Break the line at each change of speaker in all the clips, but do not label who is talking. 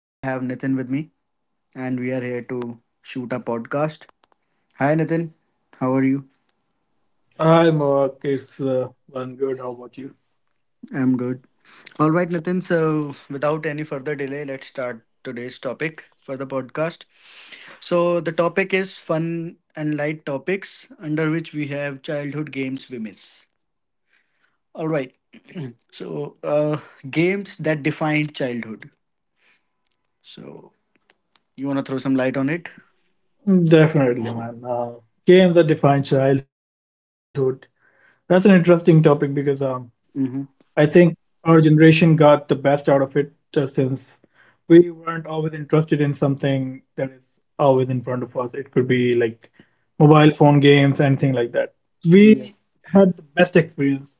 I have Nitin with me, and we are here to shoot a podcast. Hi Nitin, how are you?
Hi, Mark. It's one good. How about you?
I'm good. All right, Nitin, so without any further delay, let's start today's topic for the podcast. So, the topic is fun and light topics under which we have childhood games we miss. All right, so uh, games that defined childhood. So, you want to throw some light on it?
Definitely, man. Games that define childhood. That's an interesting topic because
Mm-hmm.
I think our generation got the best out of it since we weren't always interested in something that is always in front of us. It could be like mobile phone games, anything like that.
Yeah,
We had the best experience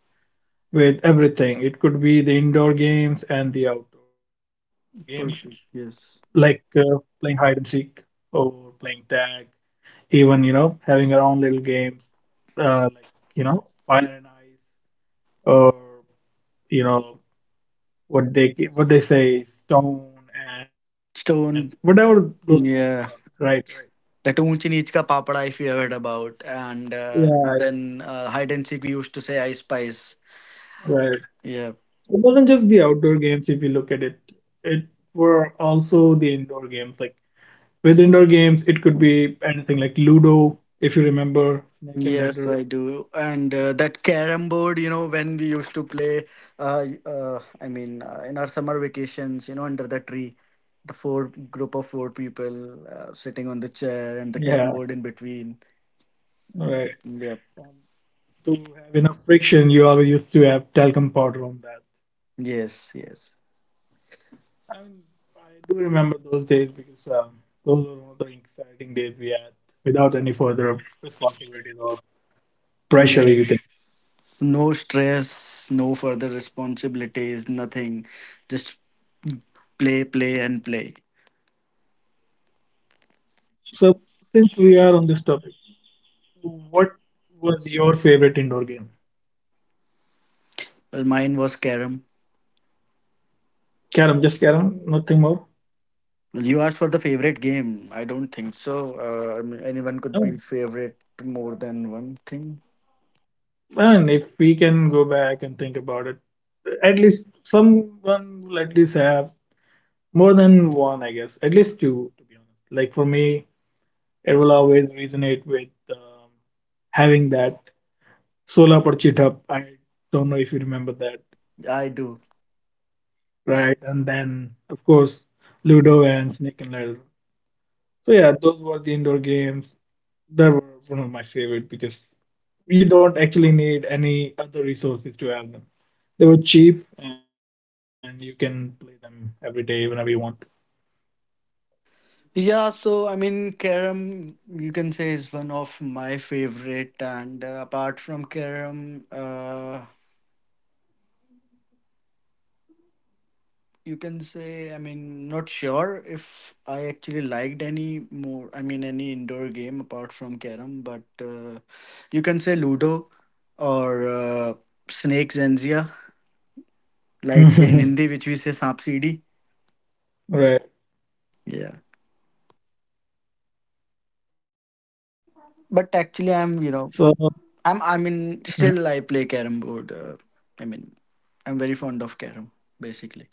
with everything. It could be the indoor games and the outdoor games.
perfect.
Like
Yes.
playing hide and seek or playing tag, even you know having our own little games like you know fire and ice or you know what they say stone and whatever
Stone.
those games were. Right,
Yeah.
right,
The Toonchinichka Papada, if you have heard about. And uh,
yeah,
then uh, hide and seek, we used to say ice Spice.
right.
Yeah.
It wasn't just the outdoor games. If you look at it, it were also the indoor games. Like with indoor games, it could be anything like Ludo, if you remember, Snake and
Yes,
Ladder.
I do. And that carom board, you know, when we used to play, in our summer vacations, you know, under the tree, the four group of four people sitting on the
Yeah,
chair and the carom board in between.
right.
Yep.
To have enough friction, you always used to have talcum powder on that.
Yes, yes.
I mean, I do remember those days because those were one of the exciting days we had without any further responsibilities or pressure,
Yes.
you can.
No stress, no further responsibilities, nothing. Just play, play, and play.
So, since we are on this topic, what was your favorite indoor game?
Well, mine was carom.
Carom, just carom, nothing more.
Well, you asked for the favorite game. I don't think so. I mean, anyone could
I
be
mean,
favorite more than one thing.
I mean, if we can go back and think about it, at least someone will at least have more than one, I guess, at least two, to be honest. Like for me, it will always resonate with having that Sola por Chitap. I don't know if you remember that,
I do.
right? And then, of course, Ludo and Snake and Ladder. So, yeah, those were the indoor games that were one of my favorite because you don't actually need any other resources to have them. They were cheap and you can play them every day whenever you want.
Yeah, so I mean, carom you can say is one of my favorite, and apart from carom, you can say, I mean, not sure if I actually liked any more, I mean, any indoor game apart from carom, but you can say ludo or snake zanzia, like in Hindi which we say saap cd.
Right.
Yeah, but
So,
actually I
mm,
mean, still I play carom board, I mean, I'm very fond of carom basically,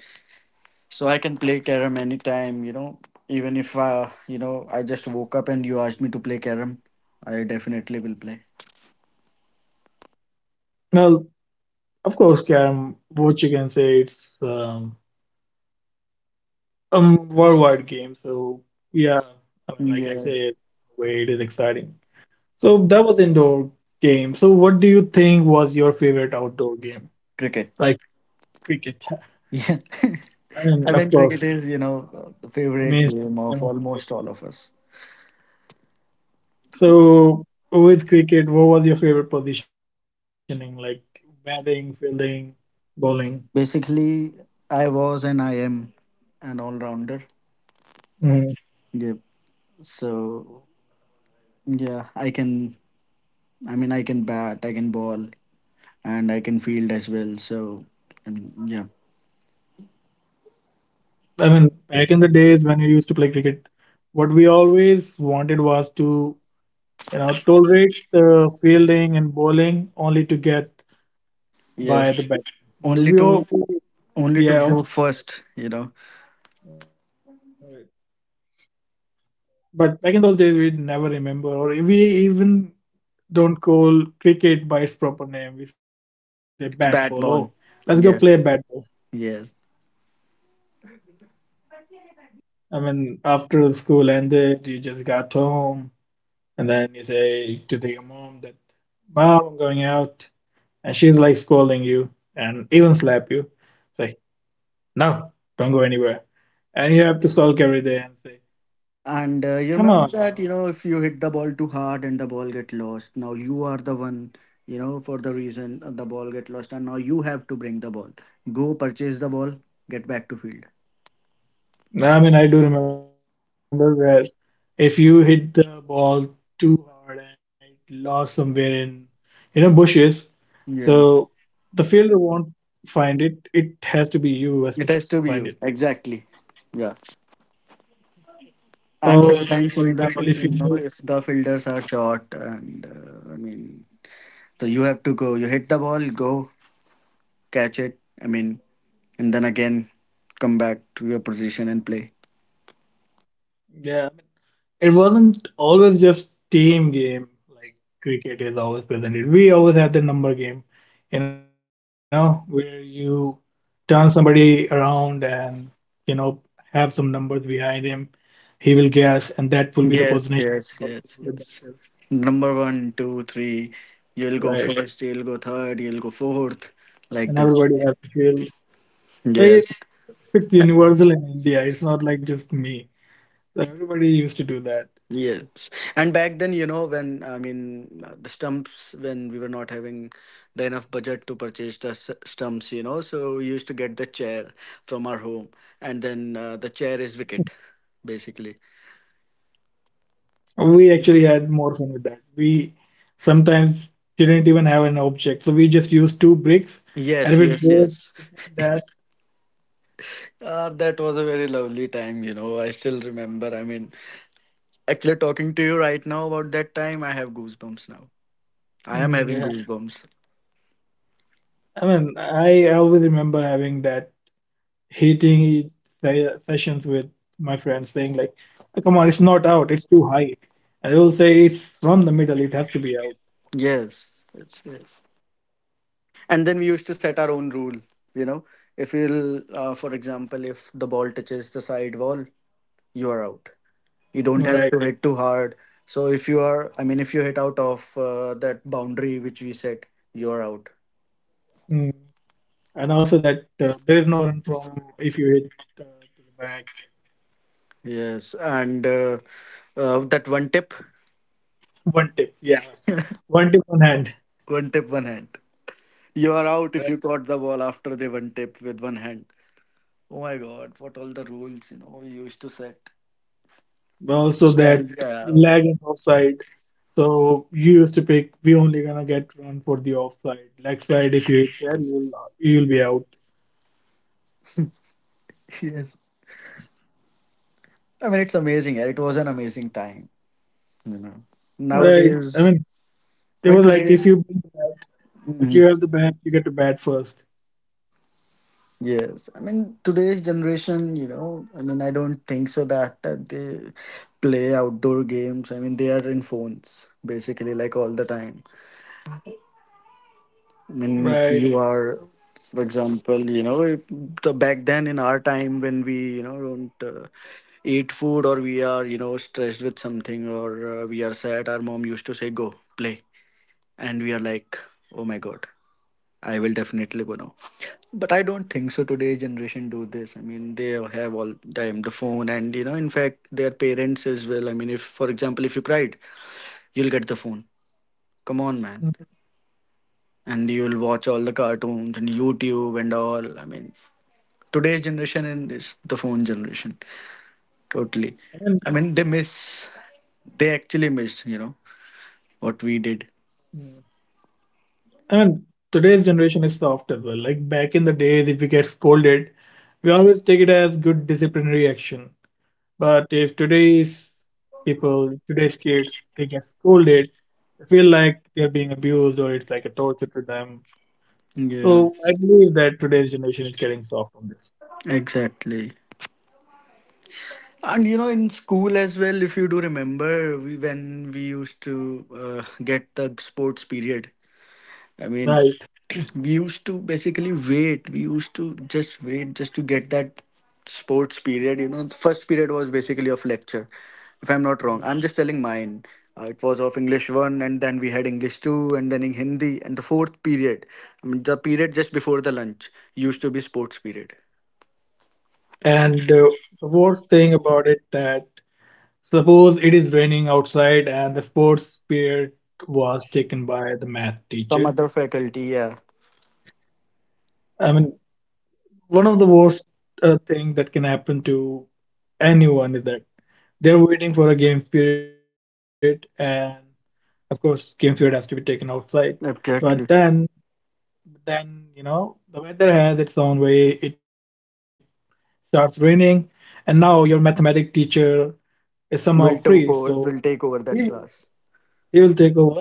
so I can play carom anytime, you know, even if, you know, I just woke up and you asked me to play carom, I definitely will play.
well, of course, Karam, what you can say, it's worldwide game. So yeah, I mean, I can say
Yes,
it the way it is exciting. So that was indoor game. So what do you think was your favorite outdoor game?
cricket.
Like cricket.
Yeah. I
And of
mean, cricket
course,
is, you know, the
the
favorite
main
game
game
of
of the—
almost all of us.
So with cricket, what was your favorite positioning? Like batting, fielding, bowling.
Basically, I was and I am an all rounder.
Mhm.
Yep. So, yeah, I can, I mean, I can bat, I can ball, and I can field as well. So, I mean, yeah.
I mean, back in the days when we used to play cricket, what we always wanted was to, you know, tolerate the fielding and bowling only to get by the
Yes.
bat.
Only
We all,
to, only to
yeah,
go first, you know,
but back in those days, we'd never remember, or we even don't call cricket by its proper name. We say bat ball. Oh,
it's
let's
bat
go
ball.
play bat ball.
Yes. Yes.
I mean, after the school ended, you just got home, and then you say to the mom that, "Mom, I'm going out," and she's like scolding you and even slap you. So no, don't go anywhere. And you have to sulk every day and say, come on,
And
mom.
you remember that, you know, if you hit the ball too hard and the ball get lost, now you are the one, you know, for the reason the ball get lost, and now you have to bring the ball. Go purchase the ball, get back to field.
I mean, I do remember where if you hit the ball too hard and it lost somewhere in, you know, bushes, so the
Yes,
fielder won't find it. It has to be you who has to find it.
it has to be you. Exactly. Yeah.
Or, for
And
example, if you
sometimes
need,
in you know, if the fielders are short and, I mean, so you have to go. You hit the ball, go catch it. I mean, and then again come back to your position and play.
yeah, it wasn't always just team game like cricket is always presented. We always had the number game, you know, where you turn somebody around and you know have some numbers behind him, he will guess and that will be the
Yes,
position
yes,
of
yes,
the
yes.
batters,
Number one, two, three. You'll go
right,
first, you'll go third, you'll go fourth, like
and
this.
everybody has to feel. So it,
Yes,
it's universal in India. It's not like just me, so everybody used to do that.
yes. And back then, you know, when I mean the stumps, when we were not having the enough budget to purchase the stumps, you know, so we used to get the chair from our home, and then the chair is wicket, basically.
We actually
Mhm.
had more fun with that. We sometimes didn't even have an object so we just used two bricks and
Yes,
if it
yes,
goes
yes.
like that.
That was a very lovely time, you know. I still remember. I mean, actually, talking to you right now about that time, I have goosebumps now. I am
Mm,
having
yeah,
goosebumps.
I mean I always remember having that hating sessions with my friends saying like, "Oh, come on, it's not out, it's too high," and they will say it's from the middle, it has to be out.
Yes, yes, yes. And then we used to set our own rule. You know, if you'll, for example, if the ball touches the side wall, you are out. You don't have
Right.
to hit too hard. So if you are, I mean, if you hit out of that boundary which we set, you are out.
Mm. And also that there is no run from if you hit uh, to the back.
Yes, and that one tip,
One tip, yeah. One tip on hand.
one tip, one hand. You are out if
Right?
you caught the ball after the one tip with one hand. Oh my god, what all the rules, you know, we used to set.
But also that
Nostalgia, yaar.
lag and offside, so you used to pick we only gonna get run for the offside. Leg side if you hit there, you'll be out.
Yes. I mean, it's amazing, yaar. It was an amazing time, you know.
Right. I mean,
Nowadays,
it
I
was
mean,
like if
today's.
you— if you
Mhm.
have the bat, you get to bat first.
Yes. I mean, today's generation, you know, I mean, I don't think so that they play outdoor games. I mean, they are in phones basically, like all the time. Means
Right.
you are, for example, you know, if, the back then in our time, when we, you know, don't eat food, or we are, you know, stressed with something, or we are sad, our mom used to say go play, and we are like, oh my god, I will definitely go now. But I don't think so today's generation do this. I mean, they have all time the phone, and you know, in fact their parents as well, I mean, if, for example, if you cried, you'll get the phone, come on man,
Mm.
and you'll watch all the cartoons and YouTube and all. I mean, today's generation and is the phone generation totally.
And,
I mean, they actually miss, you know, what we
mm,
did.
and today's generation is soft as well. Like back in the days, if we get scolded, we always take it as good disciplinary action. But if today's people, today's kids, they get scolded, they feel like they're being abused or it's like a torture to them.
Yeah,
So I believe that today's generation is getting soft on this.
exactly. And you know, in school as well, if you do remember, we when we used to get the sports period, I mean,
Right.
we used to basically wait. We used to just wait just to get that sports period. You know, the first period was basically of lecture, if I'm not wrong.
Mm.
I'm just telling mine. It was of English 1, and then we had English 2, and then in Hindi. And the fourth period, I mean, the period just before the lunch, used to be sports period.
And the worst thing about it that, suppose it is raining outside and the sports period was taken by the math
Some
teacher.
other faculty, yeah,
I mean, one of the worst thing that can happen to anyone is that they're waiting for a game period, and of course, game period has to be taken outside. But
exactly,
then you know, the weather has its own way. It starts raining, and now your mathematic teacher is somehow free, so
will take
he
over
will,
that class.
he will take over.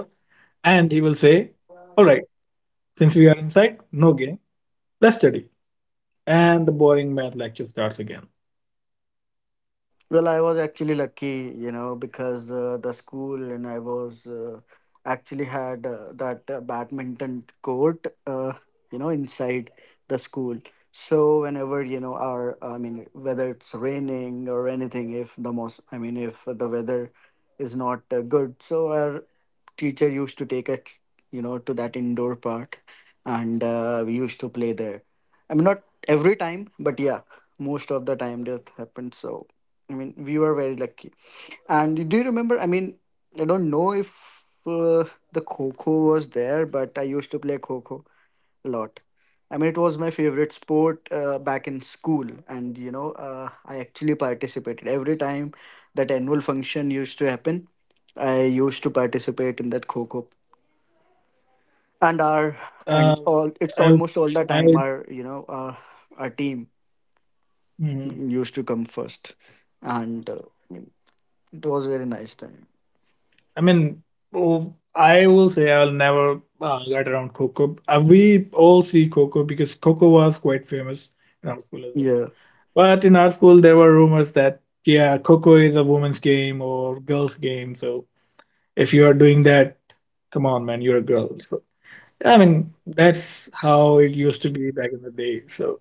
And he will say, all right, since we are inside, no game, let's study. And the boring math lecture starts again.
Well, I was actually lucky, you know, because the school and I was actually had that badminton court, you know, inside the school. So whenever, you know, I mean, whether it's raining or anything, if the most, I mean, if the weather is not good, so our teacher used to take it, you know, to that indoor part, and we used to play there. I mean, not every time, but yeah, most of the time that happened. So, I mean, we were very lucky. And do you remember? I mean, I don't know if uh, the Kho was there, but I used to play Kho a lot. I mean, it was my favorite sport back in school, and you know, I actually participated every time that annual function used to happen. I used to participate in that Kho and
Um,
our
I,
and all.
I,
It's almost all the time our you know our team
mhm.
used to come first, and I mean, it was a very nice time.
I mean, oh, I will say I'll never get around Coco. We all see Coco because Coco was quite famous in our school as well.
Yeah.
But in our school, there were rumors that, yeah, Coco is a woman's game or girls' game. So if you are doing that, come on, man, you're a girl. So I mean, that's how it used to be back in the day. So,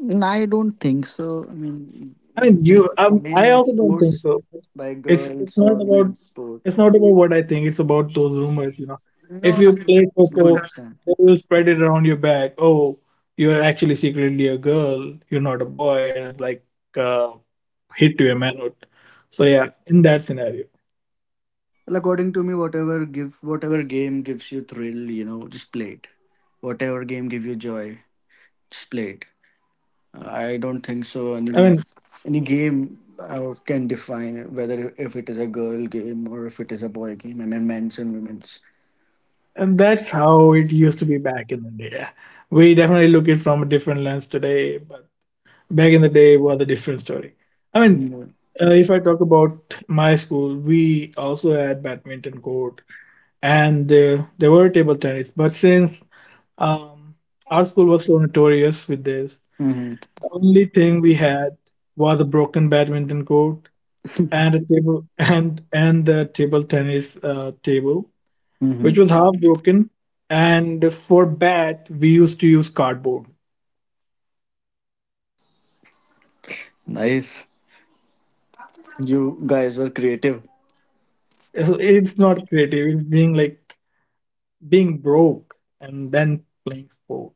And I don't think so. I mean,
I
you
mean,
can
you, I
find
also don't think
sports
so.
by
It's
girls
it's not
or men's
about—
sport.
it's not about what I think. It's about those rumors, you know.
No, I
If you
don't,
play
you
Coco,
understand.
they will spread it around your back. Oh, you're actually secretly a girl. You're not a boy, and it's like uh, hit to your manhood. So yeah, in that scenario,
Well, according to me, whatever give, whatever game gives you thrill, you know, just play it. Whatever game give you joy, just play it. I don't think so.
I mean,
Any game can define whether if it is a girl game or if it is a boy game. I mean, men's and women's.
and that's how it used to be back in the day. We definitely look it from a different lens today, but back in the day was a different story. I mean,
Yeah.
if I talk about my school, we also had badminton court and there were table tennis. But since um, our school was so notorious with this,
Mm-hmm.
the only thing we had was a broken badminton court and a table and the table tennis table, which
Mm-hmm.
was half broken. And for bat, we used to use cardboard.
Nice. You guys were creative.
It's it's not creative. It's being like being broke and then playing sport.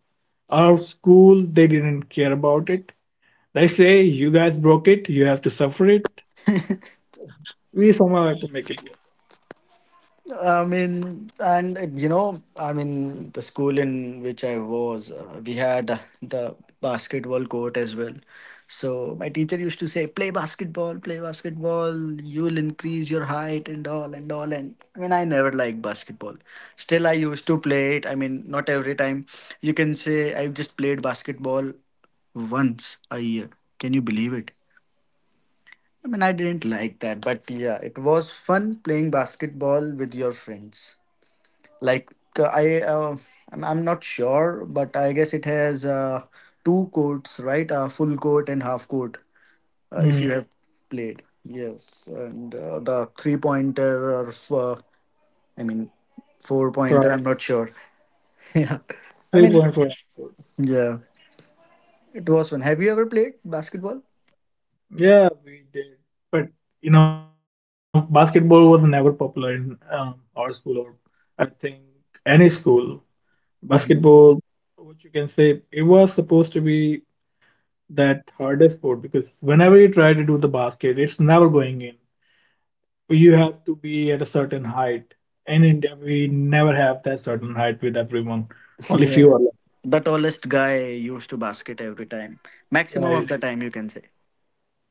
Our school, they didn't care about it. They say, you guys broke it, you have to suffer it. We somehow have to make it work.
I mean, and you know, I mean, the school in which I was, we had the basketball court as well. So my teacher used to say, "Play basketball, play basketball. You'll increase your height and all and all." And I mean, I never liked basketball. Still, I used to play it. I mean, not every time. You can say I've just played basketball once a year. Can you believe it? I mean, I didn't like that, but yeah, it was fun playing basketball with your friends, like uh, i uh, I'm not sure, but I guess it has two courts, right? Full court and half court, if
Mm,
you have played. Yes, and the three pointer or i mean four
for
pointer, I'm not sure. Yeah, I
three
mean,
point four.
yeah, it was fun. Have you ever played basketball?
Yeah, we did. But you know, basketball was never popular in our school or I think any school.
Mhm.
Basketball, what you can say, it was supposed to be that hardest sport because whenever you try to do the basket, it's never going in. You have to be at a certain height. In India, we never have that certain height with everyone. Only few
Yeah,
are left.
the tallest guy used to basket every time, maximum of
Like,
the time you can say.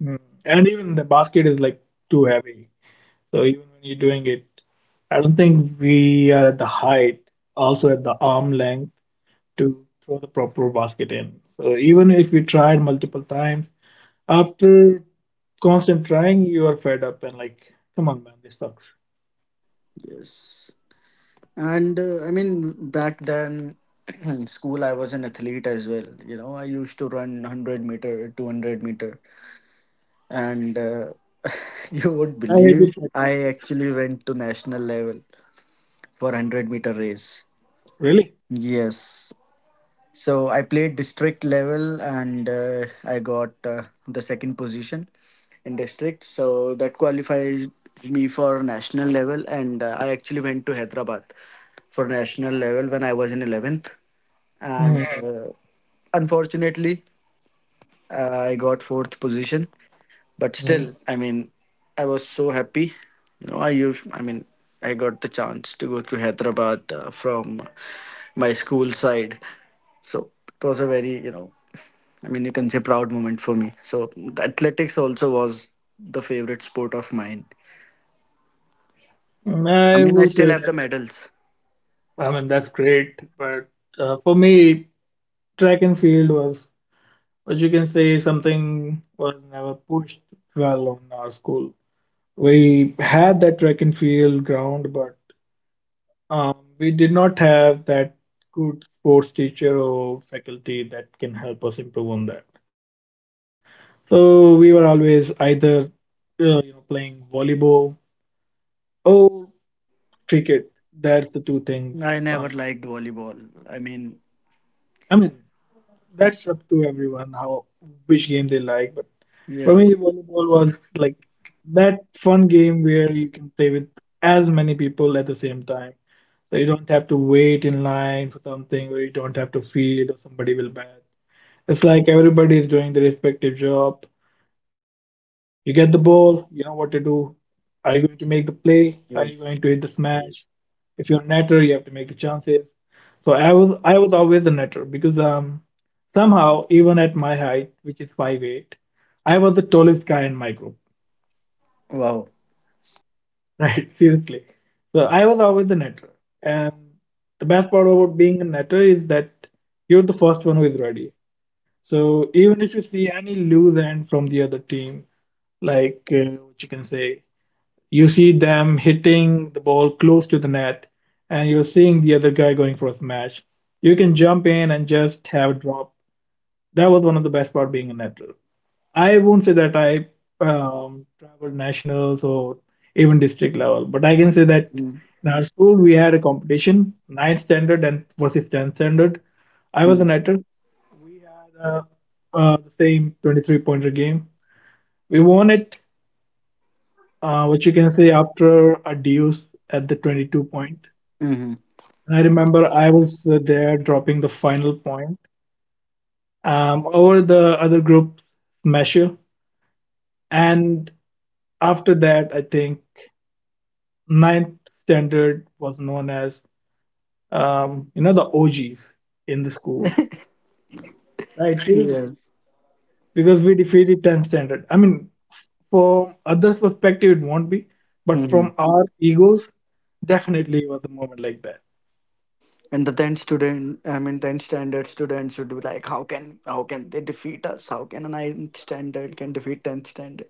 mm, and even the basket is like too heavy. So even when you're doing it, I don't think we are at the height, also at the arm length to throw the proper basket in. So even if we tried multiple times, after constant trying, you are fed up and like, come on, man, this sucks.
Yes. And I mean, back then in school, I was an athlete as well. You know, I used to run 100 meter, 200 meter. And you won't
I hate
believe
it.
I actually went to national level for 100-meter
Really?
race. Yes. So I played district level, and I got the second position in district. So that qualifies me for national level. And I actually went to Hyderabad for national level when I was in 11th. And
Hmm.
Unfortunately, I got fourth position, but still, I was so happy. You know I used I mean I got the chance to go to Hyderabad from my school side, so it was a very, you can say, proud moment for me. So athletics also was the favorite sport of mine.
I
I
will
still
say.
have the medals.
I mean, that's great. But for me, track and field was, as you can say, something was never pushed well on our school. We had that track and field ground, but we did not have that good sports teacher or faculty that can help us improve on that. So we were always either you know playing volleyball or cricket. That's the two things.
I
Um,
never liked volleyball. i mean
I mean, that's up to everyone how which game they like. But for
yeah.
me, volleyball was like that fun game where you can play with as many people at the same time. So you don't have to wait in line for something, or you don't have to field, or somebody will bat. It's like everybody is doing their respective job. You get the ball, you know what to do. Are you going to make the play? Are you going to hit the
Yes.
smash? If you're a netter, you have to make the chances. So I was always the netter because somehow even at my height, which is 5'8", I was the tallest guy in my group.
Wow.
Right, seriously. So I was always the netter. And the best part about being a netter is that you're the first one who is ready. So even if you see any loose end from the other team, like what you can say, you see them hitting the ball close to the net, and you're seeing the other guy going for a smash. You can jump in and just have a drop. That was one of the best part being a netter. I won't say that I traveled nationals or even district level, but I can say that in our school we had a competition, ninth standard and versus 10th standard. I was a
Mm-hmm.
netter. We had the same 23 pointer game. We won it, which you can say after a deuce at the 22 point. And I remember I was there dropping the final point, over the other group measure. And after that, I think ninth standard was known as, the OGs in the school. Right, seriously.
Yes.
Because we defeated 10th standard. I mean, from others' perspective, it won't be. But
Hmm.
from our egos, definitely it was a moment like that.
And the 10th student, I mean, 10th standard student should be like, how can they defeat us? How can a ninth standard can defeat 10th standard?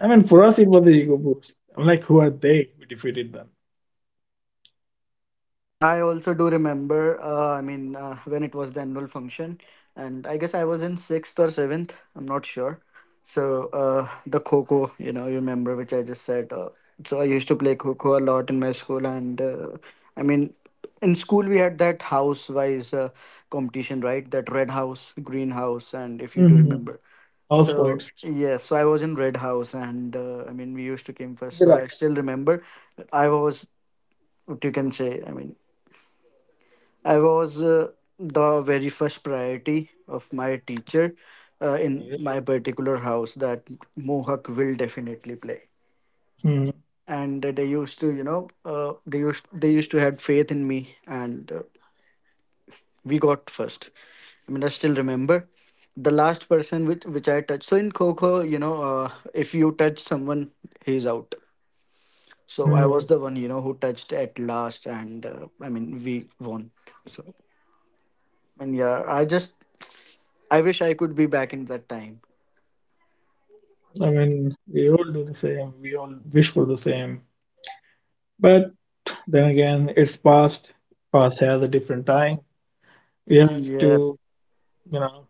I mean, for us, it was an ego boost. I'm like, who are they? We defeated them.
I also do remember, when it was the annual function, and I guess I was in sixth or seventh, I'm not sure. So, the Coco, you know, you remember, which I just said. So, I used to play Coco a lot in my school, and I mean, in school, we had that house wise competition, right? That red house, green house, and if you do
Mm-hmm.
remember.
House
So
points.
yes, so I was in Red House, and we used to came first.
There
So
are.
I still remember. I was, what you can say, I was the very first priority of my teacher in
Okay.
my particular house, that Mohawk will definitely play.
Mhm.
And they used to, you know, they used to had faith in me, and we got first. I still remember the last person which I touched. So in Kho Kho, you know, if you touch someone, he's out. So I was
Mhm.
the one, you know, who touched at last, and we won. So, and yeah, I wish I could be back in that time.
I mean, we all do the same. We all wish for the same. But then again, it's past. Past has a different time. We have
Yeah.
to, you know,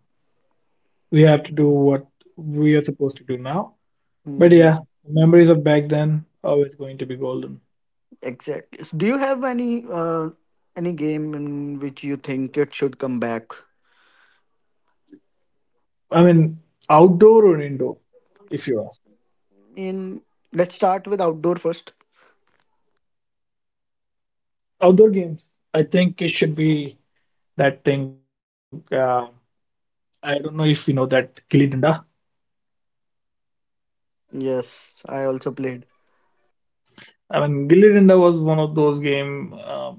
we have to do what we are supposed to do now. But yeah,
Hmm.
memories of back then always going to be golden.
Exactly. So do you have any game in which you think it should come back?
I mean, outdoor or indoor, if you ask.
In Let's start with outdoor first.
Outdoor games. I think it should be that thing. I don't know if you know that gilli danda.
Yes, I also played.
I mean, gilli danda was one of those game.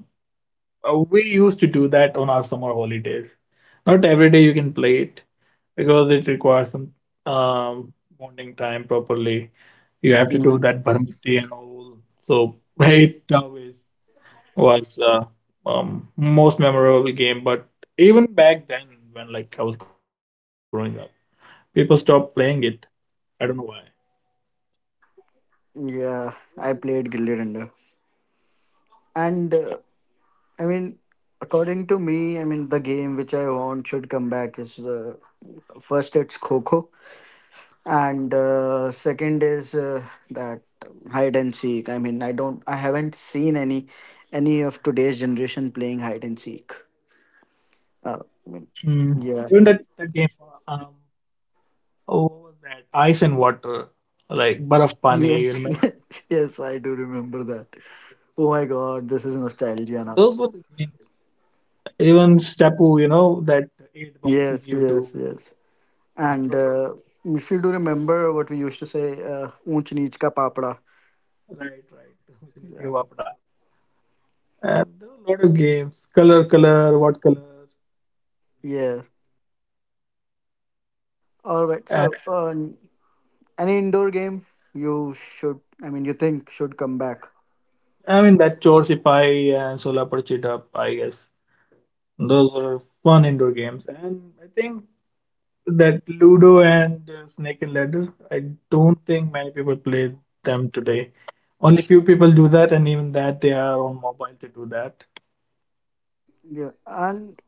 We used to do that on our summer holidays. Not every day you can play it because it requires some um, bonding time properly. You have to do
Mhm.
that barmiti and all. So it always was most memorable game. But even back then, when like I was growing up, people stopped playing it. I don't know why.
Yeah, I played Gilly Danda, and I mean, according to me, the game which I want should come back is, the first it's Coco, and second is that hide and seek. I haven't seen any of today's generation playing hide and seek. uh,
Mm.
i mean
Even that
yeah.
that game, oh, what was that? Ice and Water, like Barf Pani. You
Yes.
remember?
Yes, I do remember that. Oh my god, this is
Those were the
nostalgia
games.
now.
Even Stepu, you know, that eight boxes you
Yes,
do,
yes, yes.
then
and
throw the stone.
If you do remember what we used to say, unch neech ka papada.
Right, right. Kuchh nahi
Yeah.
kiya wapda. And there were a lot of games. Color, color, what color?
Yes. All right,
And
so, any indoor game you should I mean you think should come back?
I mean that Chor Sipai and Solapur Chit Up. I guess those were fun indoor games. And I think that Ludo and Snake and Ladder, I don't think many people play them today. Only few people do that, and even that they are on mobile to do that.
Yeah, and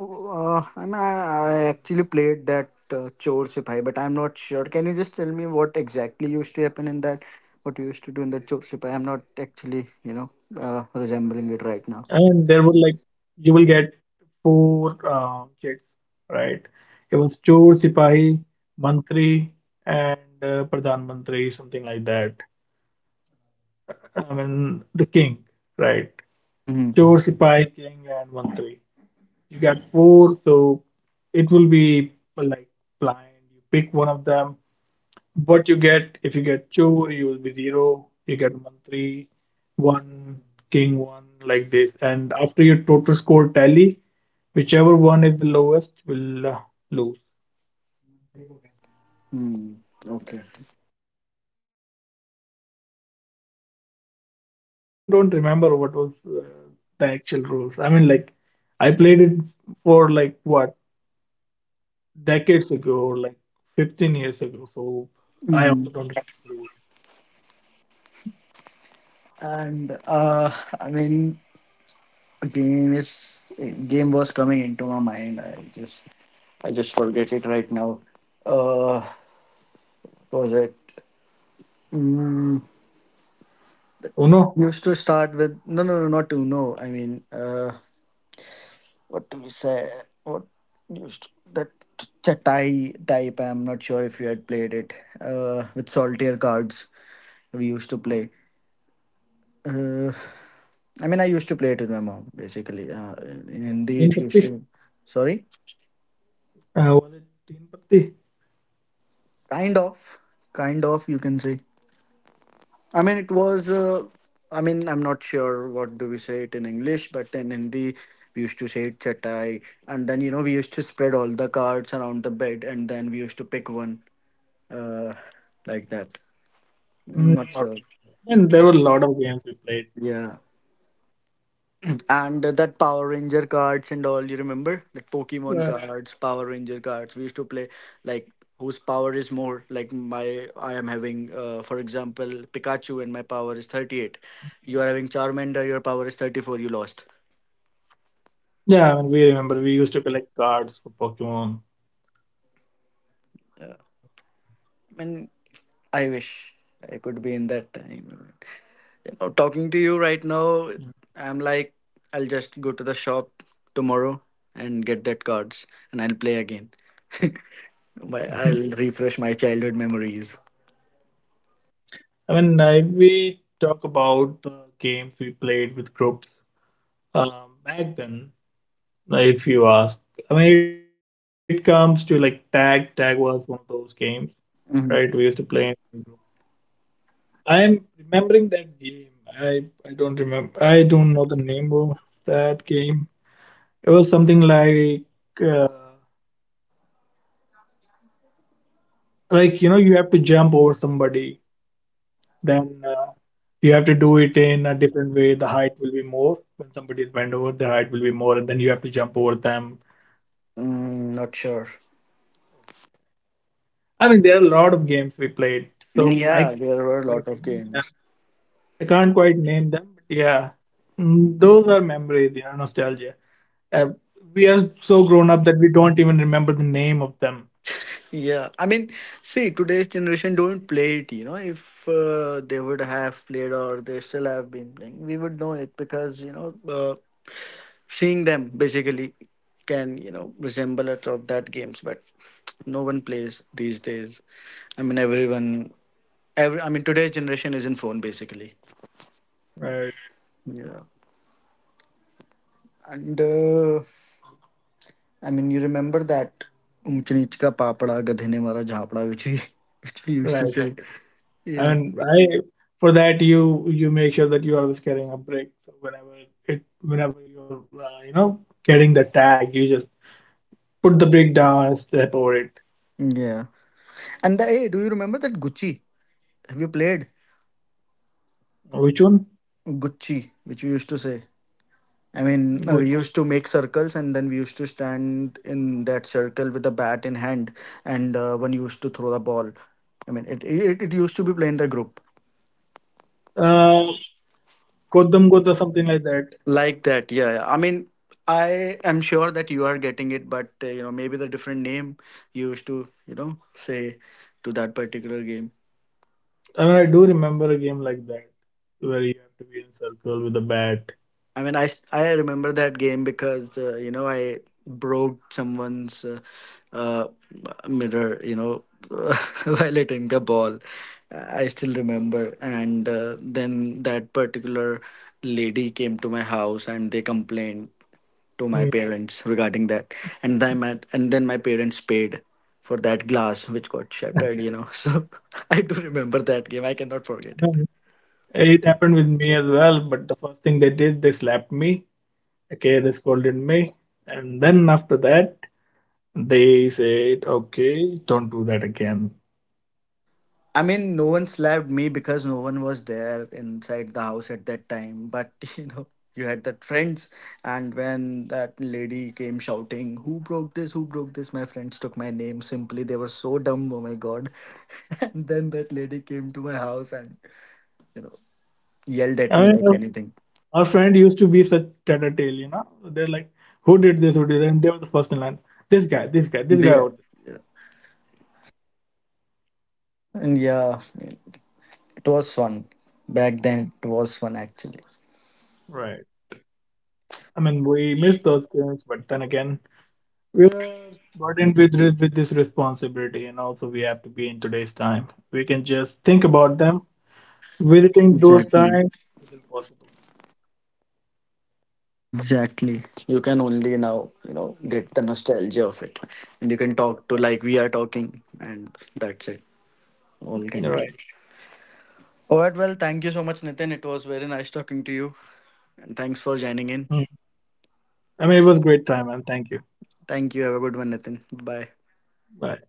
I mean, I actually played that Chor Sipai, but I'm not sure. Can you just tell me what exactly used to happen in that? What you used to do in that Chor Sipai? I'm not actually, you know, resembling
And
it
there
right
were
now.
like you will get four checks, right? It was Chor, Sipahi, Mantri, and Pradhan Mantri, something like that. I mean the king, right?
Mm-hmm.
Chor, Sipahi, king, and Mantri. You get four, so it will be like blind. You pick one of them. What you get, if you get chore, you will be zero. You get mantri, one, king one, like this. And after your total score tally, whichever one is the lowest will lose.
Hmm. Okay.
I mean, I even don't remember what was the actual rules. I mean, like, I played it for like what decades ago, or like 15 years ago, so I
Mm-hmm.
also don't remember.
And I mean, game is game was coming into my mind. I just forget it right now. Uh, was it?
Oh no,
Used to start with no, no, no, not to no. What do we say? What used to, that chatai type? I'm not sure if you had played it with solitaire cards. We used to play. Uh, I used to play it with my mom basically. In
Teen
Hindi, it
Patti.
used to. Sorry,
Was it Teen Patti?
kind of, kind of. You can say. I mean, it was. I mean, I'm not sure what do we say it in English, but in Hindi we used to say it chatai, and then you know we used to spread all the cards around the bed, and then we used to pick one, uh, like that.
Mm,
Not
not
sure.
really. And there were a lot of games we played.
Yeah, and that Power Ranger cards and all. You remember, like Pokemon.
But
Yeah. Cards, Power Ranger cards. We used to play like whose power is more. Like my, I am having, for example, Pikachu, and my power is 38. You are having Charmander. Your power is 34. You lost.
yeah, I mean, we remember we used to collect cards for Pokemon.
And I wish I could be in that time. You know, talking to you right now, I'm like, I'll just go to the shop tomorrow and get that cards and I'll play again. My-
Mm.
I'll refresh my childhood memories.
I mean, if we talk about the games we played with groups, um, back then, if you ask, I mean, it comes to like tag. Tag was one of those games, right? We used
Mhm.
to play in group. I'm remembering that game. I I don't remember. I don't know the name of that game. It was something uh, like you know you have to jump over somebody, then you have to do it in a different way. The height will be more when somebody is bent over, the height will be more, and then you have to jump over them.
Mm, not sure.
I mean, there are a lot of games we played, so I
Yeah, there were a
can't quite
lot of
name them.
games.
I can't quite name them, but yeah, mm, those are memories, you know, nostalgia. Uh, we are so grown up that we don't even remember the name of them.
Yeah, I mean, see, today's generation don't play it. You know, if they would have played or they still have been playing, we would know it because you know. Seeing them basically can, you know, resemble a lot of that games, but no one plays these days. I mean, everyone, every, I mean, today's generation is in phone basically.
Right.
Yeah. And you remember that Umchanichka Papada Gadhene Mara Jhapda, which we, which we used to
Right.
say. Yeah.
And I, for that you make sure that you are always carrying a brake. So whenever you're, you know, getting the tag, you just put the brake down and step over it.
Yeah. And the, hey, do you remember that Gucci? Have you played
Which one?
Gucci, which we used to say?
Good.
We used to make circles and then we used to stand in that circle with a bat in hand, and one used to throw the ball. It used to be playing the group
Uh, Kodam Gota, something like that.
like that. Yeah, yeah. I am sure that you are getting it, but you know, maybe the different name you used to, you know, say to that particular game.
I mean, I do remember a game like that where you have to be in circle with a bat.
I remember that game because you know I broke someone's uh, mirror, you know, while hitting the ball. I still remember, and then that particular lady came to my house and they complained to my
Hmm.
parents regarding that, and then my parents paid for that glass which got shattered, you know. So I do remember that game. I cannot forget.
Um, it happened with me as well, but the first thing they did, they slapped me. Okay, they scolded me, and then after that, they said, okay, don't do that again.
I mean, no one slapped me because no one was there inside the house at that time. But you know, you had that friends, and when that lady came shouting, "Who broke this? Who broke this?" My friends took my name simply. They were so dumb. Oh my god! And then that lady came to my house and you know yelled at
I
me
mean,
like anything.
our friend used to be such tattletale, you know. They're like, who did this? Who did that? And they were the first in line. This guy, this guy, this guy
Yeah,
out there.
yeah. And yeah, it was fun back then. It was fun actually.
Right. I mean, we miss those things, but then again, we're burdened with with this responsibility, and also we have to be in today's time. We can just think about them. Visiting those
Exactly.
times is impossible.
Exactly. You can only now, you know, get the nostalgia of it. And you can
Right.
talk, to like we are talking, and that's it. All can
All
do.
right.
Alright, well, thank you so much, Nitin. It was very nice talking to you. And thanks for
Mm.
joining in.
I mean, it was a great time, and thank you.
Thank you. Have a good one, Nitin. Bye.
Bye.